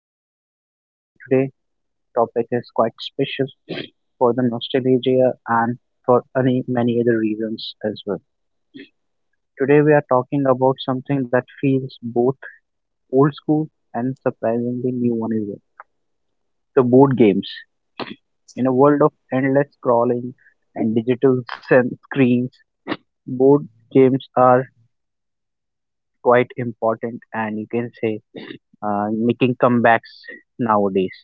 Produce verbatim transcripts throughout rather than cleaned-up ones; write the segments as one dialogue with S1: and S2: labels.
S1: is Mukesh and today topic is quite special for the nostalgia and for any many other reasons as well. Today we are talking about something that feels both old school and surprisingly new one as well. The board games. In a world of endless scrolling and digital sen- screens, board games are quite important and you can say uh, making comebacks nowadays.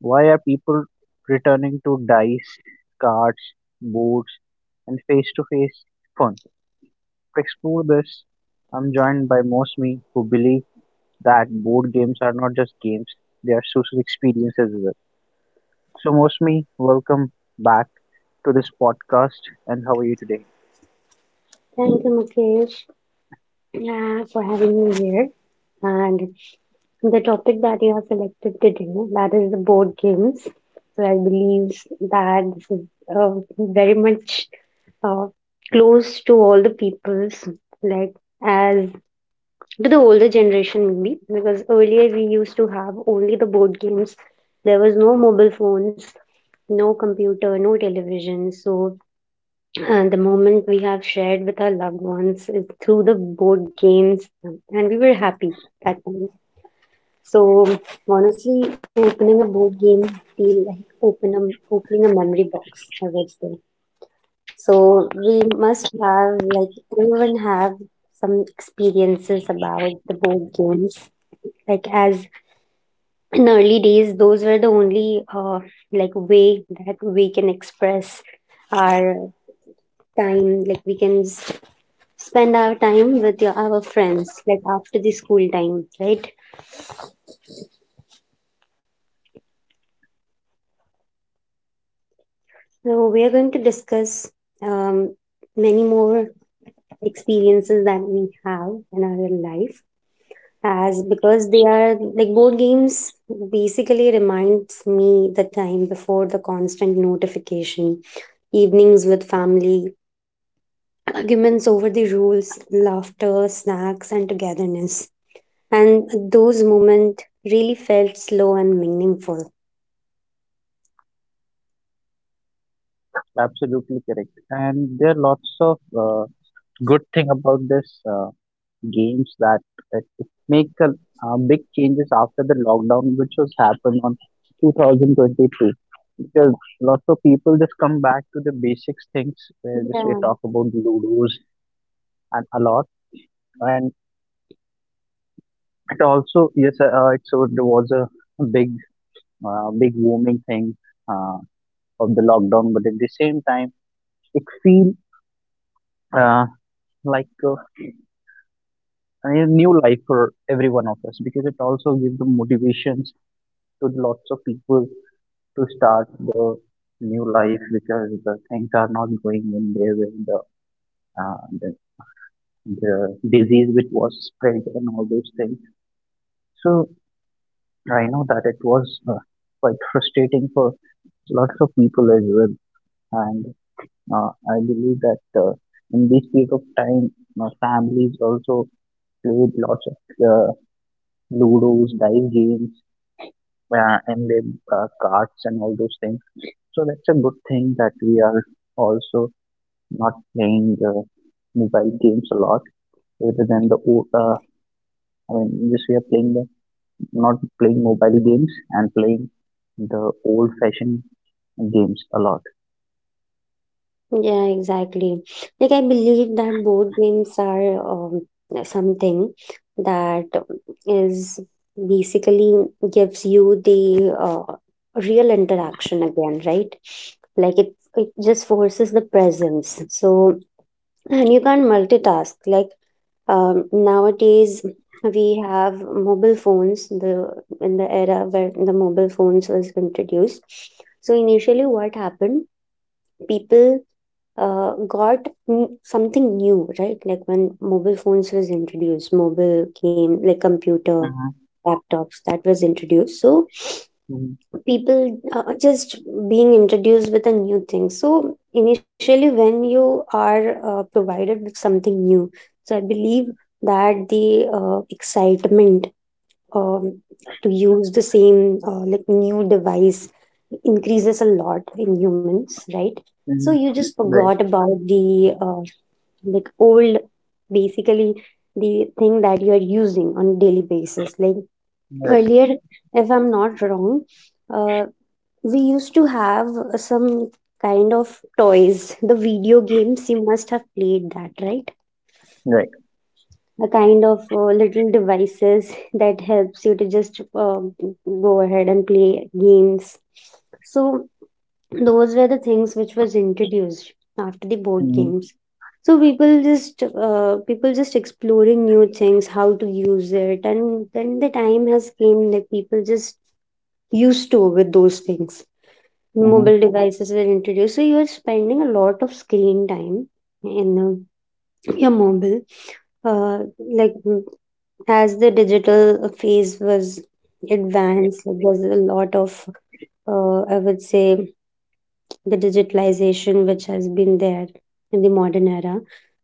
S1: Why are people returning to dice, cards, boards, and face to face fun? To explore this, I'm joined by most me who believe that board games are not just games, they are social experiences as well. So, most me, welcome back to this podcast. And how are you today?
S2: Thank you, Mukesh, uh, for having me here. And the topic that you have selected today, that is the board games. So I believe that this is uh, very much uh, close to all the peoples, like as to the older generation maybe, because earlier we used to have only the board games. There was no mobile phones, no computer, no television. So uh, the moment we have shared with our loved ones is through the board games, um, and we were happy that time. So honestly, opening a board game feel like open a, opening a memory box, I would say. So we must have like everyone have some experiences about the board games. Like as in early days, those were the only uh, like way that we can express our time. Like we can spend our time with your, our friends, like after the school time, right? So we are going to discuss um, many more experiences that we have in our life, as because they are like board games. Basically, reminds me the time before the constant notification, evenings with family, arguments over the rules, laughter, snacks, and togetherness. And those moments really felt slow and meaningful.
S1: Absolutely correct. And there are lots of uh, good thing about this. Uh, games that that make a, uh, big changes after the lockdown, which was happened on two thousand twenty-two. Because lots of people just come back to the basics things. Where just
S2: Yeah,
S1: we talk about ludos and a lot, and it also yes, uh, it so there was a big, uh, big booming thing uh, of the lockdown. But at the same time, it feel uh, like uh, a new life for every one of us because it also gives the motivations to the lots of people to start the new life because the things are not going in their way. The, uh, the the disease which was spread and all those things. So I know that it was uh, quite frustrating for lots of people as well. And uh, I believe that uh, in this period of time, my families also played lots of uh, ludos, dice games, uh, and then uh, cards and all those things. So that's a good thing that we are also not playing uh, mobile games a lot rather than the o- uh, I mean just we are playing the not playing mobile games and playing the old fashioned games a lot.
S2: yeah, exactly. Like I believe that board games are um, something that is basically gives you the uh, real interaction again, right? Like it it just forces the presence. So and you can't multitask. Like um, nowadays we have mobile phones. The in the era where the mobile phones was introduced. So initially, what happened? People uh, got n- something new, right? Like when mobile phones was introduced, mobile came like computer,
S1: Mhm.
S2: laptops that was introduced. So
S1: Mhm.
S2: people uh, just being introduced with a new thing. So initially, when you are uh, provided with something new, so I believe that the uh, excitement um, to use the same uh, like new device increases a lot in humans, right? So
S1: Mhm.
S2: you just
S1: Right,
S2: forgot about the uh, like old basically the thing that you are using on a daily basis, like
S1: right,
S2: earlier, if I'm not wrong, uh, we used to have some kind of toys, the video games you must have played, that right,
S1: right.
S2: a kind of uh, little devices that helps you to just um, go ahead and play games. So those were the things which was introduced after the board
S1: Mhm,
S2: games. So people just uh, people just exploring new things, how to use it, and then the time has came that people just used to with those things. Mobile
S1: mhm,
S2: devices were introduced, so you are spending a lot of screen time in uh, your mobile, uh, like mm, as the digital phase was advanced. Like, there's a lot of, uh, I would say, the digitalization which has been there in the modern era.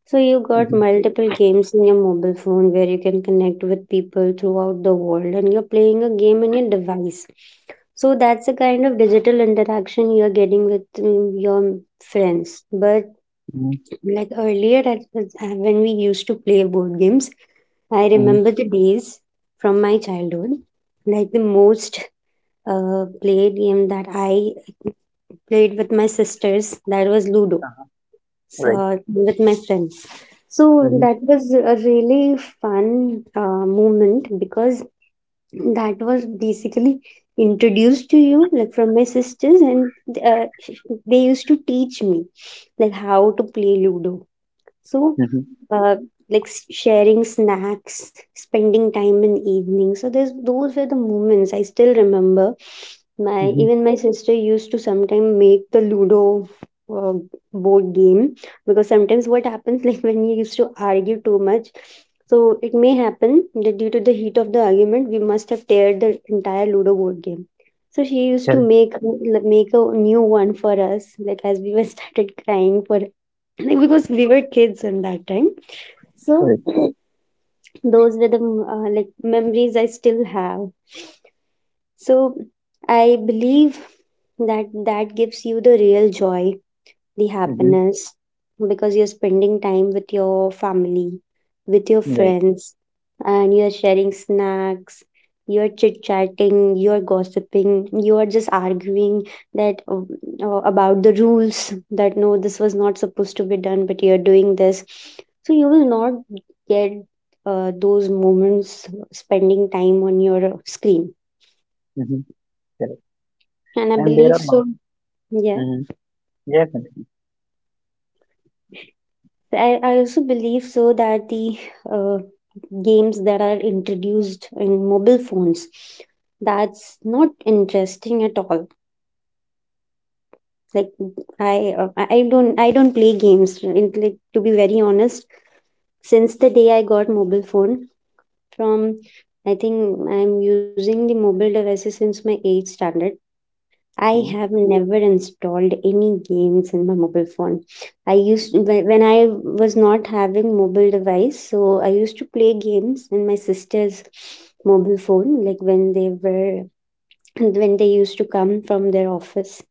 S2: So you got
S1: mhm,
S2: multiple games in your mobile phone where you can connect with people throughout the world and you're playing a game on your device. So that's the kind of digital interaction you're getting with mm, your friends. But
S1: mhm,
S2: like earlier, at- at- when we used to play board games, I
S1: mhm.
S2: remember the days from my childhood. Like the most uh, played game that I played with my sisters, that was Ludo,
S1: Uh-huh.
S2: so
S1: Right.
S2: with my friends. So
S1: Mhm,
S2: that was a really fun uh, moment because that was basically introduced to you like from my sisters, and uh, they used to teach me like how to play ludo. So,
S1: mhm,
S2: uh, like s- sharing snacks, spending time in evening. So there's those were the moments I still remember. My
S1: mhm.
S2: even my sister used to sometimes make the Ludo uh, board game because sometimes what happens like when we used to argue too much. So it may happen that due to the heat of the argument, we must have teared the entire Ludo board game. So she used to
S1: Correct.
S2: make like, make a new one for us, like as we were started crying for like, because we were kids in that time. So
S1: Right.
S2: those were the mm, uh, like memories I still have. So I believe that that gives you the real joy, the
S1: Mhm.
S2: happiness, because you're spending time with your family, with your
S1: Right.
S2: friends, and you're sharing snacks, you're chit chatting, you're gossiping, you're just arguing that uh, uh, about the rules that no, this was not supposed to be done, but you're doing this. So you will not get uh, those moments spending time on your uh, screen.
S1: Mhm. Correct.
S2: And I
S1: And there
S2: believe
S1: are mul-.
S2: so. Yeah.
S1: Mhm. Yeah, continue.
S2: I, I also believe so that the uh, games that are introduced in mobile phones, that's not interesting at all. Like I uh, I I don't, I don't play games. In, like, to be very honest, since the day I got mobile phone, from I think I'm using the mobile devices since my eighth standard. I have
S1: Mhm,
S2: never installed any games in my mobile phone. I used when when I was not having mobile device, so I used to play games in my sister's mobile phone, like when they were when they used to come from their office.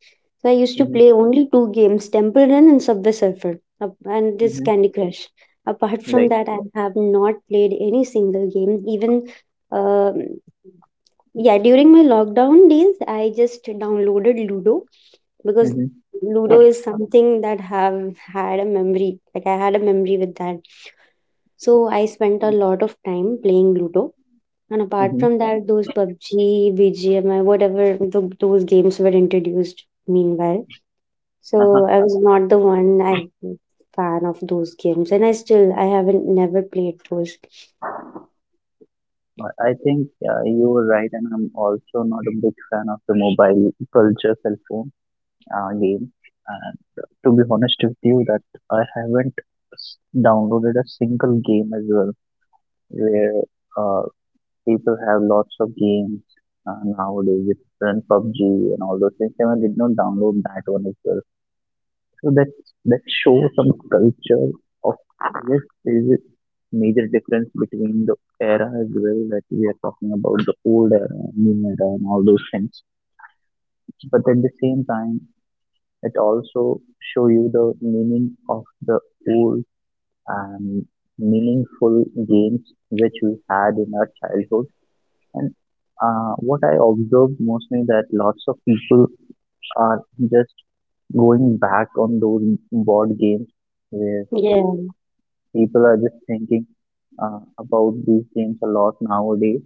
S2: So I used to
S1: mhm,
S2: play only two games, Temple Run and Subway Surfer, ap- and this
S1: mhm.
S2: Candy Crush. Apart from
S1: Right.
S2: that, I have not played any single game, even. Um, yeah, during my lockdown days, I just downloaded Ludo because
S1: Mm-hmm.
S2: Ludo is something that have had a memory. Like I had a memory with that. So I spent a lot of time playing Ludo. And apart
S1: Mm-hmm.
S2: from that, those pub g, B G M I, whatever th those games were introduced meanwhile. So
S1: Uh-huh.
S2: I was not the one I'm fan of those games. And I still, I haven't never played those.
S1: I I think uh, you were right, and I'm also not a big fan of the mobile culture cell phone uh, game. And to be honest with you, that I haven't s- downloaded a single game as well, where uh, people have lots of games uh, nowadays, different P U B G and all those things, and I did not download that one as well. So that that shows some culture of yes, there is a major difference between the era as well that we are talking about the old era, new era, and all those things. But at the same time, it also show you the meaning of the old and meaningful games which we had in our childhood. And uh, what I observed mostly that lots of people are just going back on those board games where
S2: Yeah.
S1: people are just thinking uh, about these games a lot nowadays.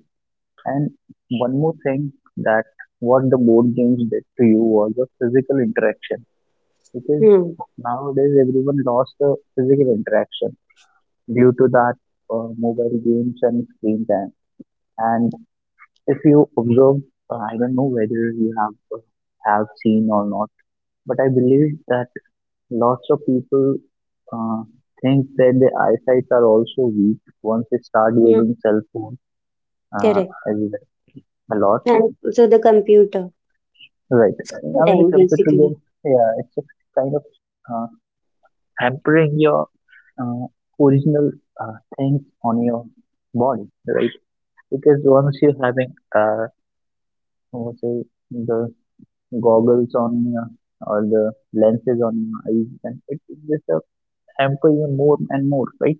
S1: And one more thing that what the board games did to you was a physical interaction because
S2: Hmm.
S1: nowadays everyone lost the physical interaction due to that uh, mobile games and screen time. And if you observe, uh, I don't know whether you have uh, have seen or not, but I believe that lots of people uh, think that their eyesight are also weak once they start
S2: Hmm.
S1: using cell phone uh,
S2: Correct.
S1: as well a lot.
S2: And so the computer.
S1: Right.
S2: School
S1: I mean, the
S2: time,
S1: computer game,
S2: basically.
S1: yeah, it's just kind of uh, hampering your uh, original uh, things on your body, right? Because once you're having, uh, what say, the goggles on your or the lenses on your eyes, then it it just uh, hamper you more and more, right?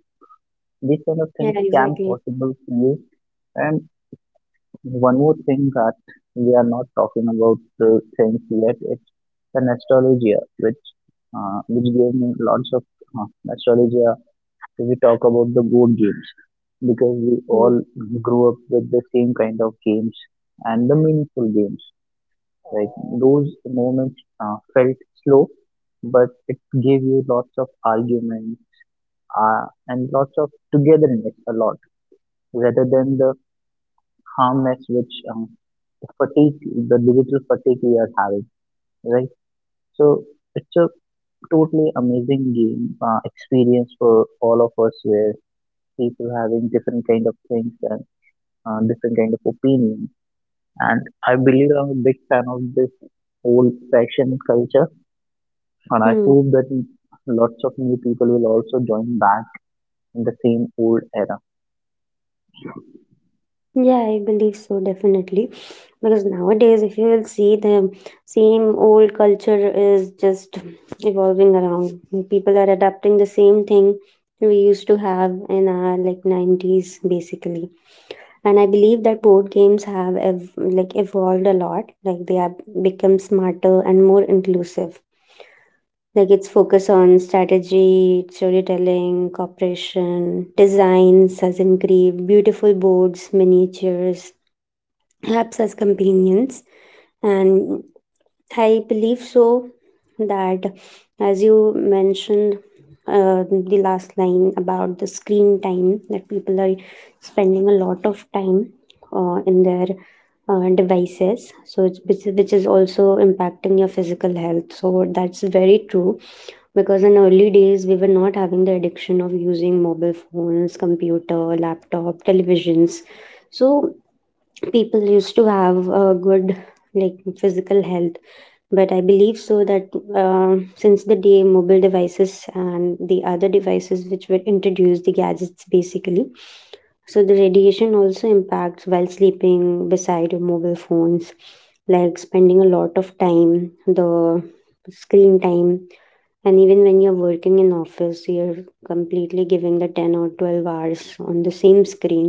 S1: These kind of
S2: Yeah,
S1: things can
S2: exactly.
S1: possible to you. And one more thing that we are not talking about the things yet, it's the nostalgia, which uh, which gave me lots of uh, nostalgia. If we talk about the board games, because we
S2: Hmm.
S1: all grew up with the same kind of games and the meaningful games. Like those moments uh, felt slow, but it gave you lots of arguments uh, and lots of togetherness a lot rather than the calmness which um, the fatigue, the digital fatigue we are having, right? So it's a totally amazing game uh, experience for all of us where people having different kind of things and uh, different kind of opinions. And I believe I'm a big fan of this old fashioned culture and I
S2: Hmm.
S1: hope that lots of new people will also join back in the same old era.
S2: Yeah, I believe so, definitely. Because nowadays, if you will see, the same old culture is just evolving around. People are adapting the same thing we used to have in our like nineties, basically. And I believe that board games have ev- like evolved a lot. Like they have become smarter and more inclusive. Like it's focus on strategy, storytelling, cooperation, designs as in create beautiful boards, miniatures, apps as companions. And I believe so that as you mentioned uh, the last line about the screen time, that people are spending a lot of time uh, in their uh, devices, so it's which, is- which is also impacting your physical health, so that's very true because in early days we were not having the addiction of using mobile phones, computer, laptop, televisions. So people used to have a good like physical health, but I believe so that uh, since the day mobile devices and the other devices which were introduced, the gadgets basically, so the radiation also impacts while sleeping beside your mobile phones, like spending a lot of time, the screen time, and even when you're working in office, you're completely giving the ten or twelve hours on the same screen,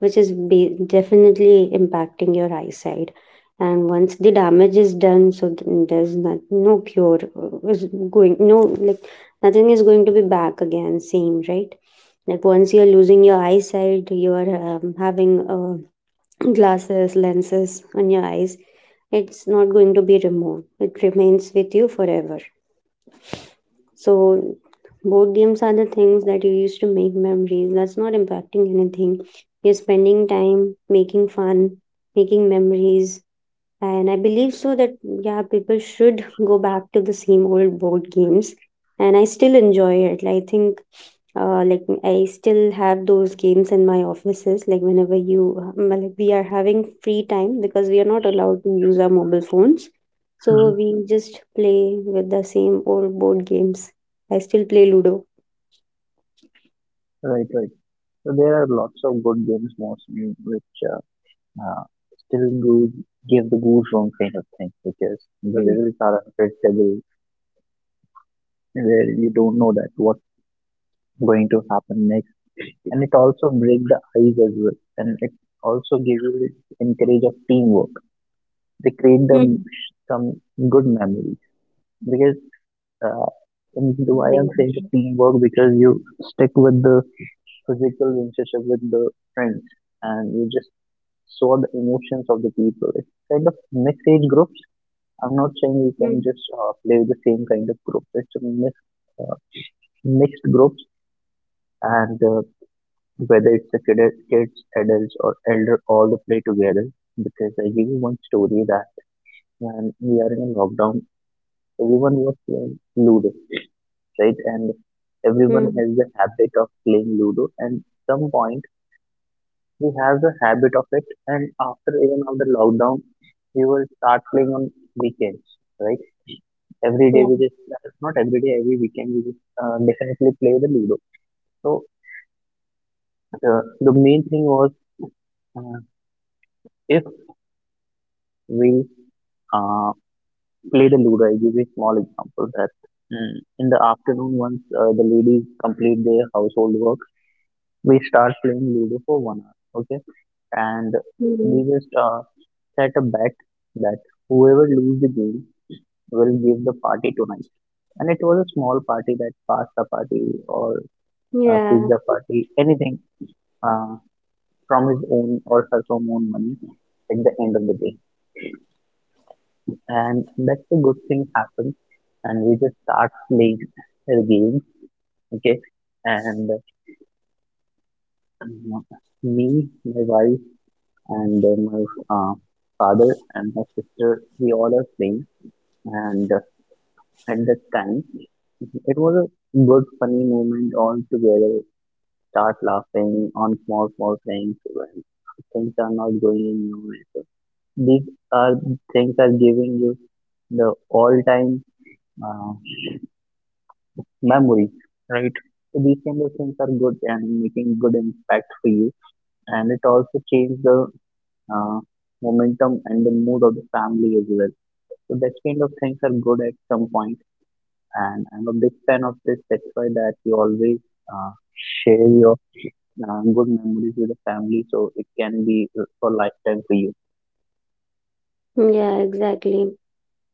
S2: which is be- definitely impacting your eyesight. And once the damage is done, so th- there's not, no cure uh, is going, no, like nothing is going to be back again same, right? Like once you're losing your eyesight, you're um, having uh, glasses, lenses on your eyes, it's not going to be removed, it remains with you forever. So board games are the things that you use to make memories. That's not impacting anything. You're spending time making fun, making memories, and I believe so that, yeah, people should go back to the same old board games. And I still enjoy it. I think, uh, like, I still have those games in my offices. Like, whenever you, um, like, we are having free time because we are not allowed to use our mobile phones. So we just play with the same old board games. I still play Ludo.
S1: Right, right. So there are lots of good games mostly which uh, uh, still go give the goosebump kind of thing because the
S2: Hmm.
S1: results are unpredictable where you don't know that what's going to happen next, and it also break the ice as well, and it also gives you this encourage of teamwork. They create them
S2: Hmm.
S1: some good memories because uh, and why I'm saying
S2: Hmm.
S1: the teamwork because you stick with the physical relationship with the friends and you just saw the emotions of the people. It's kind of mixed age group. I'm not saying you
S2: Hmm.
S1: can just uh, play with the same kind of groups. It's a mix, uh, mixed groups, and uh, whether it's a kid, kids, adults, or elder, all the play together. Because I give you one story that when we are in a lockdown, everyone was playing Ludo, right? And everyone
S2: Hmm.
S1: has the habit of playing Ludo, and some point we have the habit of it. And after even after lockdown, we will start playing on weekends, right? Every day
S2: Yeah.
S1: we just not every day every weekend we just uh, definitely play the ludo. So uh, the main thing was uh, if we uh, play the ludo, I give you a small example that mm, in the afternoon once uh, the ladies complete their household work, we start playing ludo for one hour, okay? And we
S2: Hmm.
S1: just uh, set a bet that whoever lose the game will give the party tonight. And it was a small party, that pasta party or uh,
S2: Yeah.
S1: pizza party, anything, uh, from his own or her from own money at the end of the day. And that's a good thing happens. And we just start playing the game, okay? And um, me, my wife, and then my uh, father and my sister, we all are playing. And uh, at that time, it was a good, funny moment all together. Start laughing on small, small things when things are not going in your way. These are things are giving you the all-time uh, memory, right? So these kind of things are good and making good impact for you, and it also changes the uh, momentum and the mood of the family as well. So that kind of things are good at some point, and I'm a big fan of this. That's why that you always uh, share your uh, good memories with the family, so it can be for lifetime for you.
S2: Yeah, exactly.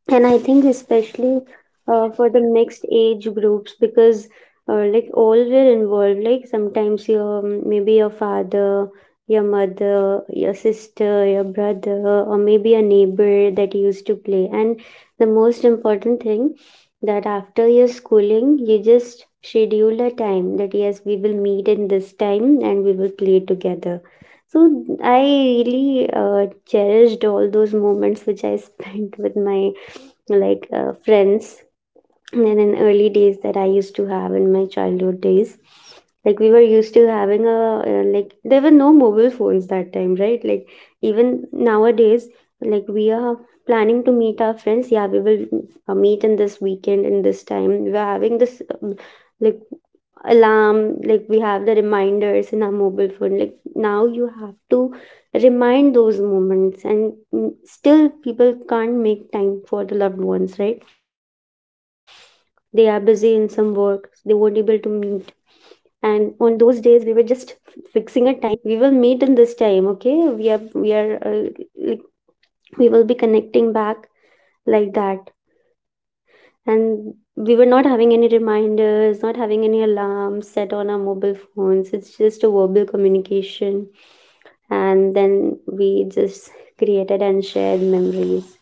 S2: And I think especially uh, for the mixed age groups, because uh, like all were involved, like sometimes your um, maybe your father, your mother, your sister, your brother, or maybe a neighbor that used to play. And the most important thing, that after your schooling, you just schedule a time that yes, we will meet in this time and we will play together. So I really uh, cherished all those moments which I spent with my like uh, friends and in early days that I used to have in my childhood days. Like we were used to having a uh, like there were no mobile phones that time, right? Like even nowadays, like we are planning to meet our friends. Yeah, we will uh, meet in this weekend in this time. We are having this um, like alarm. Like we have the reminders in our mobile phone. Like now you have to remind those moments, and mm, still people can't make time for the loved ones, right? They are busy in some work, they won't able to meet, and on those days we were just fixing a time. We will meet in this time. Okay, we are we are uh, like we will be connecting back, like that. And we were not having any reminders, not having any alarms set on our mobile phones. It's just a verbal communication, and then we just created and shared memories.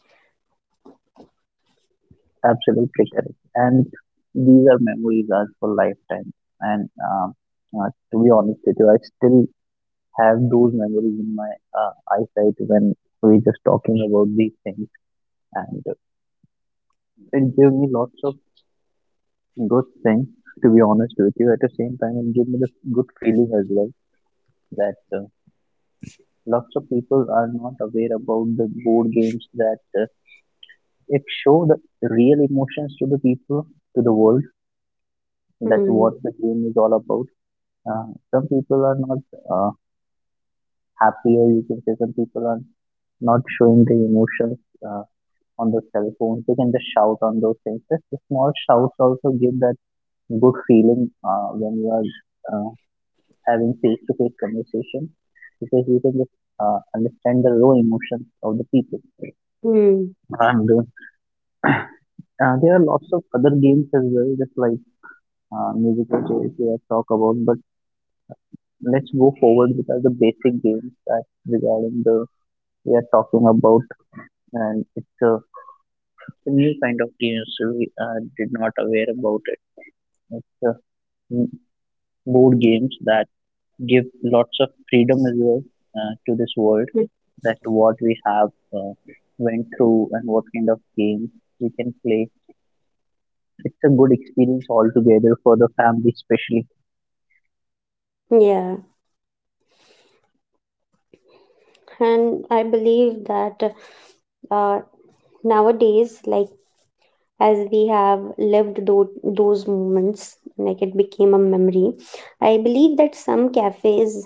S1: Absolutely correct. And these are memories as for lifetime. And uh, uh, to be honest with you, I still have those memories in my uh, eyesight when we're just talking about these things. And it gave me lots of good things, to be honest with you. At the same time, it gave me the good feeling as well that uh, lots of people are not aware about the board games, that uh, it show the real emotions to the people, to the world, that
S2: mm.
S1: what the game is all about. Uh, some people are not uh, happy, or you can say some people are not showing the emotions uh, on the cell phones. They can just shout on those things. Just the small shouts also give that good feeling uh, when you are uh, having face-to-face conversation because you can just uh, understand the raw emotions of the people.
S2: Mm.
S1: And uh, uh, there are lots of other games as well, just like uh, musical chairs we have talked about. But let's go forward with uh, the basic games that regarding the we are talking about, and it's a new kind of games we uh, did not aware about it. It's uh, m- board games that give lots of freedom as well uh, to this world, that what we have uh, went through and what kind of games we can play. It's a good experience altogether for the family, especially.
S2: Yeah, and I believe that uh, nowadays, like, as we have lived those, those moments, like it became a memory. I believe that some cafes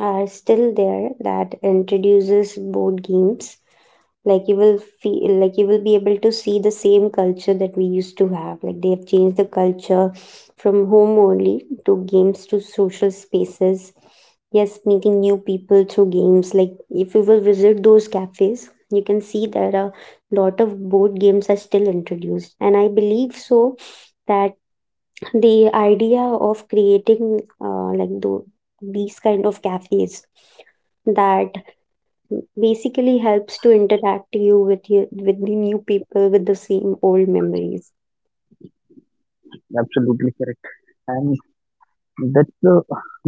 S2: are still there that introduces board games. Like, you will feel like you will be able to see the same culture that we used to have. Like, they have changed the culture from home only to games, to social spaces. Yes, meeting new people through games. Like, if you will visit those cafes, you can see there are lot of board games are still introduced. And I believe so that the idea of creating uh, like tho- these kind of cafes that basically helps to interact you with you with the new people with the same old memories.
S1: Absolutely correct. And that's a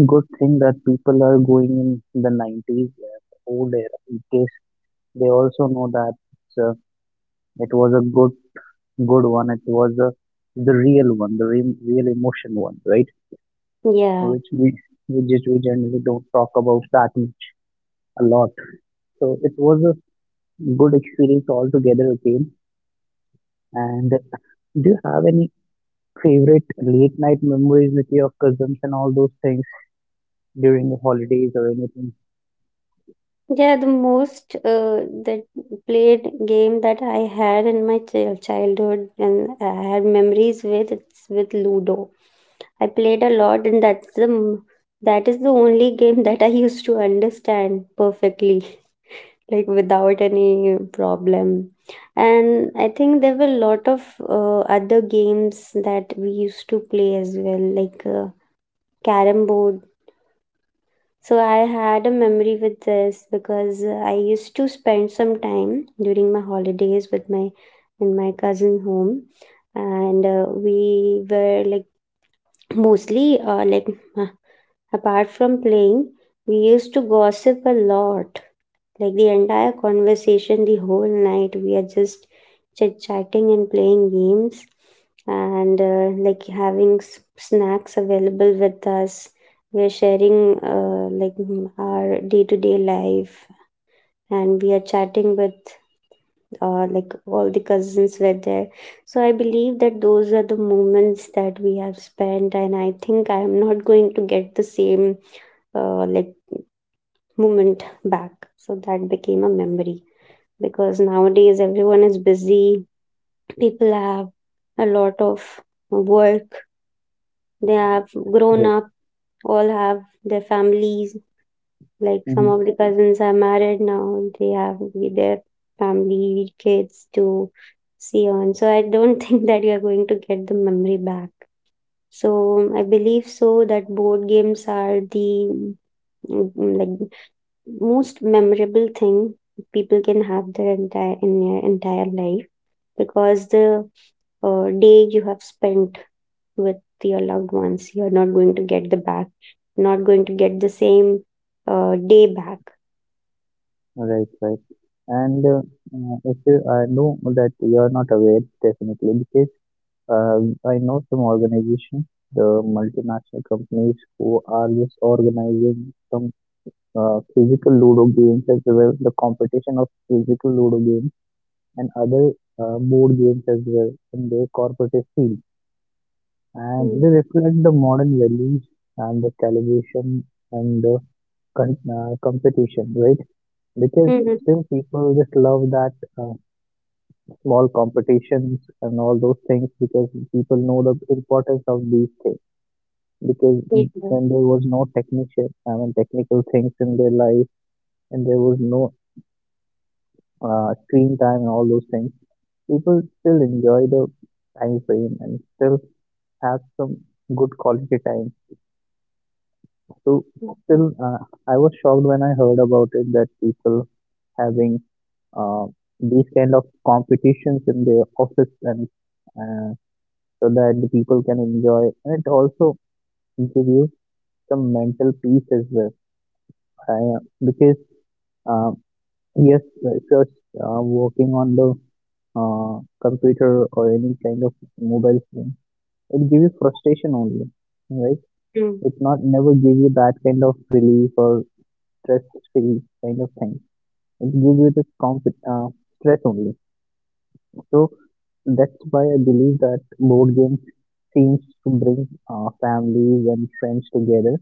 S1: good thing that people are going in the nineties, uh, old era, because they also know that it's a it was a good good one. It was uh, the real one, the real, real emotion one, right?
S2: Yeah.
S1: Which we we just we generally don't talk about that much a lot. So it was a good experience altogether again. And do you have any favorite late night memories with your cousins and all those things during the holidays or anything?
S2: Yeah, the most uh, that played game that I had in my chil- childhood and I had memories with, it's with Ludo. I played a lot, and that's the m- that is the only game that I used to understand perfectly, like without any problem. And I think there were a lot of uh, other games that we used to play as well, like uh, carrom board. So I had a memory with this because uh, I used to spend some time during my holidays with my, in my cousin home, and uh, we were like mostly uh, like apart from playing, we used to gossip a lot, like the entire conversation, the whole night, we are just chit chatting and playing games and uh, like having s- snacks available with us. We are sharing uh, like mm, our day to day life, and we are chatting with uh, like all the cousins were there. So I believe that those are the moments that we have spent, and I think I am not going to get the same uh, like moment back. So that became a memory, because nowadays everyone is busy. People have a lot of work. They have grown
S1: Right.
S2: up, all have their families. Like some
S1: Hmm.
S2: of the cousins are married now, they have their family, kids to see on. So I don't think that you are going to get the memory back. So I believe so that board games are the mm, like most memorable thing people can have their entire in their entire life, because the uh, day you have spent with your loved ones, you are not going to get the back, not going to get the same uh, day back.
S1: Right, right. And uh, uh, if you, I know that you are not aware, definitely, because Uh, I know some organizations, the multinational companies who are just organizing some uh, physical Ludo games as well, the competition of physical Ludo games and other uh, board games as well in their corporate field. And
S2: Mm.
S1: they reflect the modern values and the calibration and the con- uh, competition, right? Because
S2: Hmm.
S1: still people just love that uh, small competitions and all those things because people know the importance of these things because
S2: Yeah.
S1: when there was no technician, I mean technical things in their life, and there was no uh, screen time and all those things, people still enjoy the time frame and still have some good quality time. So still, uh, I was shocked when I heard about it that people having uh, these kind of competitions in their office and uh, so that the people can enjoy and it also gives you some mental peace as well I, uh, because uh, yes, if you're uh, working on the uh, computer or any kind of mobile phone, it give you frustration only, right?
S2: Mm.
S1: It not never give you that kind of relief or stress free kind of thing. It give you this comp uh, stress only. So that's why I believe that board games seems to bring uh, families and friends together.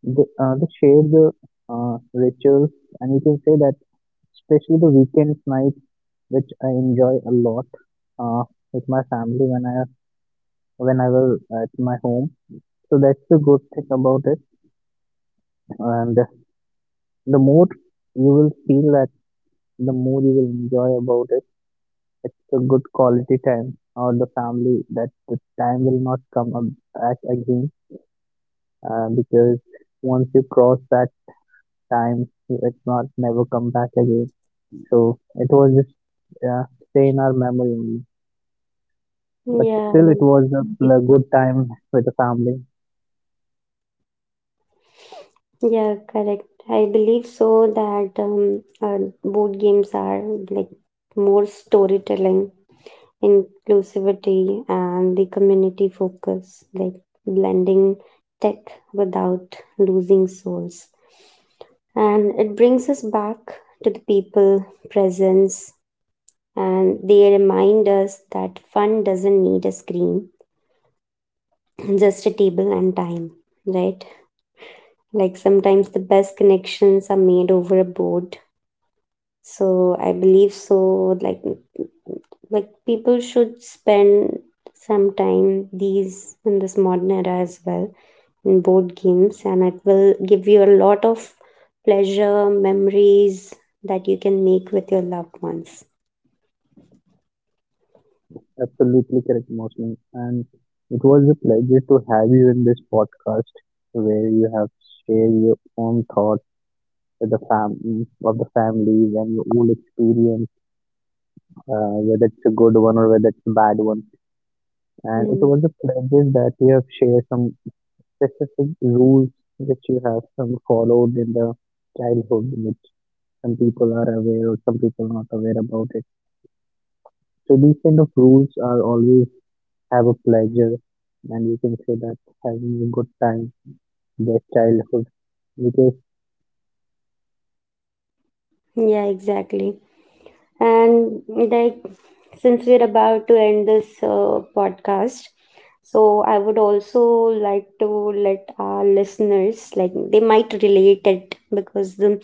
S1: They, uh, they share the uh, rituals, and you can say that especially the weekend night which I enjoy a lot uh, with my family when I when I will at my home. So that's the good thing about it. And the more you will feel that, the more you will enjoy about it. It's a good quality time or the family that the time will not come up back again uh, because once you cross that time, it's not never come back again. So it was just uh, stay in our memory only. But
S2: Yeah.
S1: still, it was a pl- good time with the family.
S2: Yeah, correct. I believe so that um, uh, board games are, like, more storytelling, inclusivity and the community focus, like blending tech without losing souls. And it brings us back to the people presence, and they remind us that fun doesn't need a screen, just a table and time, right? Like sometimes the best connections are made over a board. So I believe so, like like people should spend some time these in this modern era as well in board games, and it will give you a lot of pleasure memories that you can make with your loved ones.
S1: Absolutely correct, Mosman. And it was a pleasure to have you in this podcast where you have shared your own thoughts with the fam- of the families and your own experience, uh, whether it's a good one or whether it's a bad one. And it
S2: Mm,
S1: was a pleasure that you have shared some specific rules which you have some followed in the childhood, which some people are aware or some people are not aware about it. So these kind of rules are always have a pleasure and you can say that having a good time, their childhood, because
S2: yeah, exactly. And, like, since we're about to end this uh, podcast, so I would also like to let our listeners, like they might relate it, because the,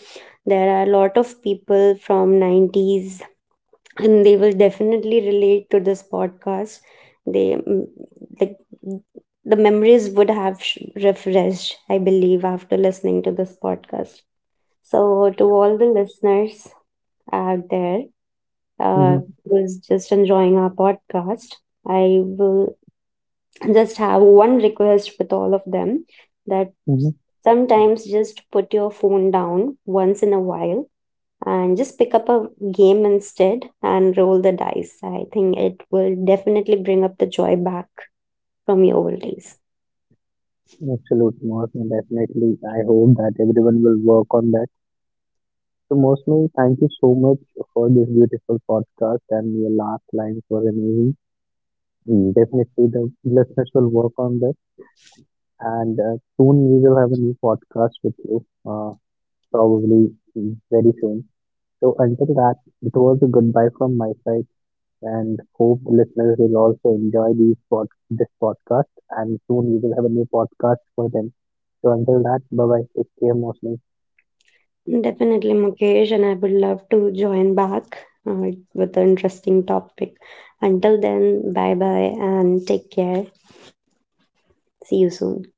S2: there are a lot of people from nineties and they will definitely relate to this podcast. They, mm, like the memories would have sh- refreshed, I believe, after listening to this podcast. So to all the listeners out there, uh,
S1: hmm.
S2: was just enjoying our podcast. I will just have one request with all of them, that
S1: Hmm.
S2: sometimes just put your phone down once in a while and just pick up a game instead and roll the dice. I think it will definitely bring up the joy back from your old days.
S1: Absolute, Mosme. Definitely. I hope that everyone will work on that. So, Mosme, thank you so much for this beautiful podcast and your last lines were amazing. Mm, Definitely, the listeners will work on this, and uh, soon we will have a new podcast with you, uh, probably mm, very soon. So, until that, it was a goodbye from my side. And hope listeners will also enjoy these pod- this podcast. And soon we will have a new podcast for them. So until that, bye bye. Take care, Mostly.
S2: Definitely, Mukesh, and I would love to join back uh, with an interesting topic. Until then, bye bye and take care. See you soon.